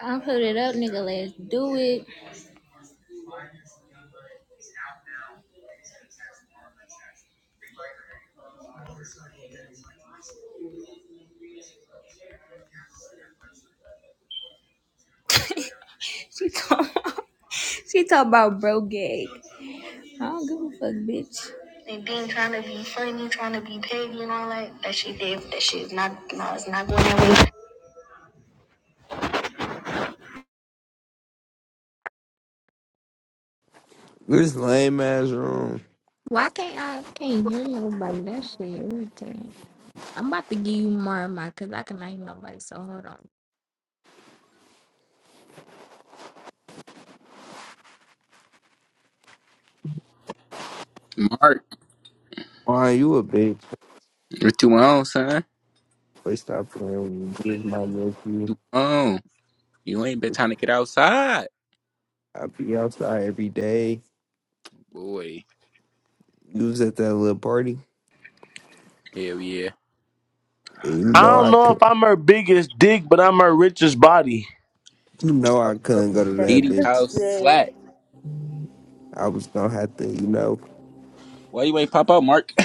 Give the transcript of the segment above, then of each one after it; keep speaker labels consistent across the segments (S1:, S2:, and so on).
S1: I put it up, nigga. Let's do it. She talk. she talk about bro gag. I don't give a fuck, bitch. And being trying to be funny, trying to be petty and all that. That shit did. That shit is not. No, it's not going that way.
S2: This lame ass room.
S3: Mark,
S2: Why you a bitch?
S3: what you on, son?
S2: Please stop playing with me. This my nephew.
S3: You on? You ain't been trying to get outside,
S2: I be outside every day.
S3: boy.
S2: You was at that little party.
S3: Hell yeah.
S2: And You
S4: I
S2: know
S4: don't
S2: I
S4: know
S2: could.
S4: if I'm her biggest dick, but I'm her richest body.
S2: You know
S3: I was
S2: I
S3: up
S2: couldn't go
S3: at
S2: to that
S3: Didi
S2: bitch.
S3: House
S5: birthday.
S3: flat.
S2: I was gonna have to. You know.
S3: Why you ain't pop up, Mark?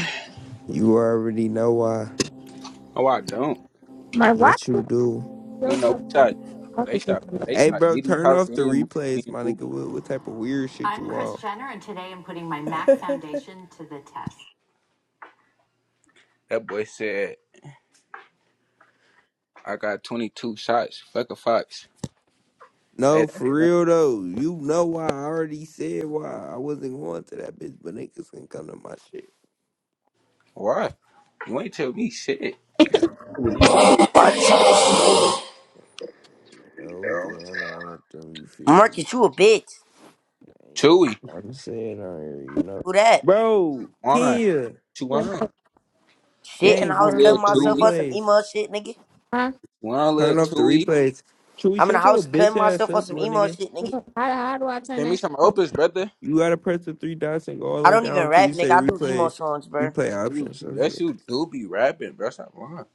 S2: You already know why.
S3: Oh, I don't.
S2: Yes, you do.
S3: You know, we shot. They shot. They
S2: Hey,
S3: shot
S2: bro,
S3: Didi
S2: turn
S3: House
S2: off the
S3: and me
S2: replays,
S3: and
S2: my nigga.
S3: Booby.
S2: What, what type of weird shit
S5: I'm
S2: you on?
S5: Kris Jenner, and today I'm putting my MAC foundation to the test.
S3: That boy said, "I got 22 shots. Fuck a fox."
S2: No,
S3: Hey,
S2: for
S3: that's
S2: real though. You know why? I already said why. I wasn't going to that bitch, but niggas can come to my shit.
S3: why. You ain't tell me shit. Yeah, I don't Remember,
S2: You know, Deanna, I want them, you feel me?
S6: Marcus, you a bitch.
S2: I ain't
S3: Chewy,
S2: even hard to say it on here, you know.
S6: Who that?
S2: Bro,
S3: why?
S2: Kenya,
S3: What you on? What
S6: Shit in
S3: you
S6: the
S2: gang,
S6: house
S3: on,
S2: turn
S3: little
S2: off
S6: cutting
S2: the
S6: myself
S3: Chewy?
S6: up some
S2: replays.
S6: emo shit, nigga.
S3: What You on, little
S2: Turn off the
S3: Chewy?
S2: replays. Should we
S6: I'm in the
S2: shut your
S6: house
S2: bitch
S6: cutting
S2: ass
S6: myself up
S2: up,
S6: some
S2: little
S6: emo
S2: nigga?
S6: shit, nigga.
S3: Give me some opus, brother.
S2: You gotta press the three dots and go all the
S6: I
S2: way
S6: don't
S2: down
S6: even
S2: until
S6: rap,
S2: you
S6: nigga.
S2: say
S6: I do emo
S2: replays,
S6: songs, bro.
S2: replay
S3: You,
S2: options, some
S3: yes,
S2: shit.
S3: you do be rapping, bro. Stop lying.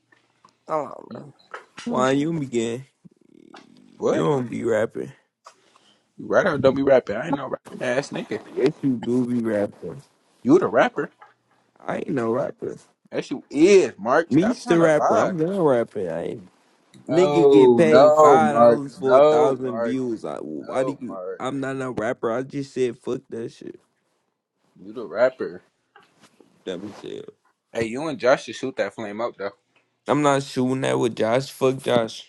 S6: Come on, bro.
S2: Why you begin? You
S3: What?
S2: don't be rapping.
S3: You right or don't be rapping? I ain't no rapping ass nigga.
S2: Yes, you do be rapping.
S3: You the rapper.
S2: I ain't no rapper.
S3: That you is, Mark. Stop
S2: Me's the
S3: trying to
S2: rapper.
S3: lie.
S2: I'm done rapping. I ain't Nigga get
S3: No,
S2: paid
S3: no,
S2: five
S3: Mark.
S2: dollars for a
S3: No,
S2: thousand
S3: Mark.
S2: views. I, why do
S3: No,
S2: you?
S3: Mark.
S2: I'm not a rapper. I just said fuck that shit.
S3: You the rapper.
S2: That was it.
S3: Hey, you and Josh should shoot that flame up, though.
S2: I'm not shooting that with Josh. Fuck Josh.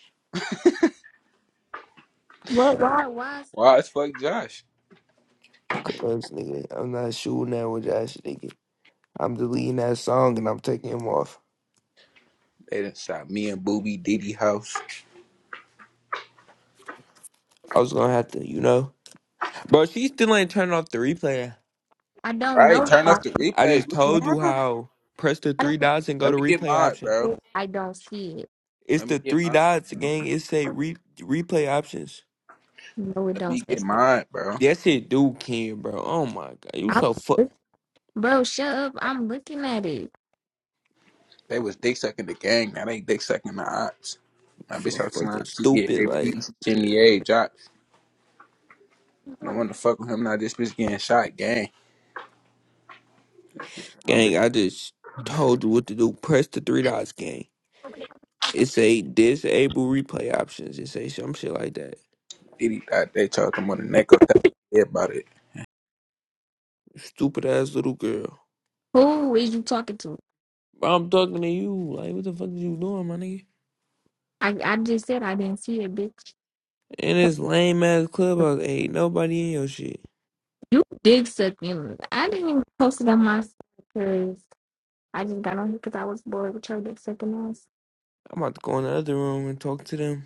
S3: Why as fuck Josh?
S2: Cause nigga, I'm not shooting that with Josh. Nigga, I'm deleting that song and I'm taking him off.
S3: They done shot me and Booby Diddy house.
S2: I was gonna have to, you know, bro. She still ain't turning off the replay.
S3: All right, turn off the
S2: I
S3: replay.
S2: just
S3: What you
S2: told you
S3: want?
S2: how. Press the three dots and go
S3: Let
S2: to
S3: me get
S2: replay
S3: mine,
S2: option.
S3: bro.
S2: It's
S3: Let
S2: the
S3: me get
S2: three
S3: mine,
S2: dots,
S3: bro.
S2: gang. It say re- replay options.
S3: Let me get mine, bro.
S2: That shit do Ken, bro. Oh my god, you so fuck,
S3: They was dick sucking the gang. Now they dick sucking the ops.
S2: you
S3: My
S2: so
S3: bitch, I'm trying
S2: fucking
S3: to get
S2: stupid.
S3: AP,
S2: Like,
S3: Jimmy A. Jock. No one to fuck with him. Now this bitch getting shot. Gang. My bitch
S2: gang, I just told you what to do. Press the three dots, gang. It say disable replay options. It say some shit like that.
S3: Diddy thought they told him on the neck or tap about it.
S2: Stupid ass little girl. Bro, I'm talking to you. Like, what the fuck is you doing, my nigga? In this lame ass clubhouse, ain't nobody in your shit. I'm about to go in the other room and talk to them.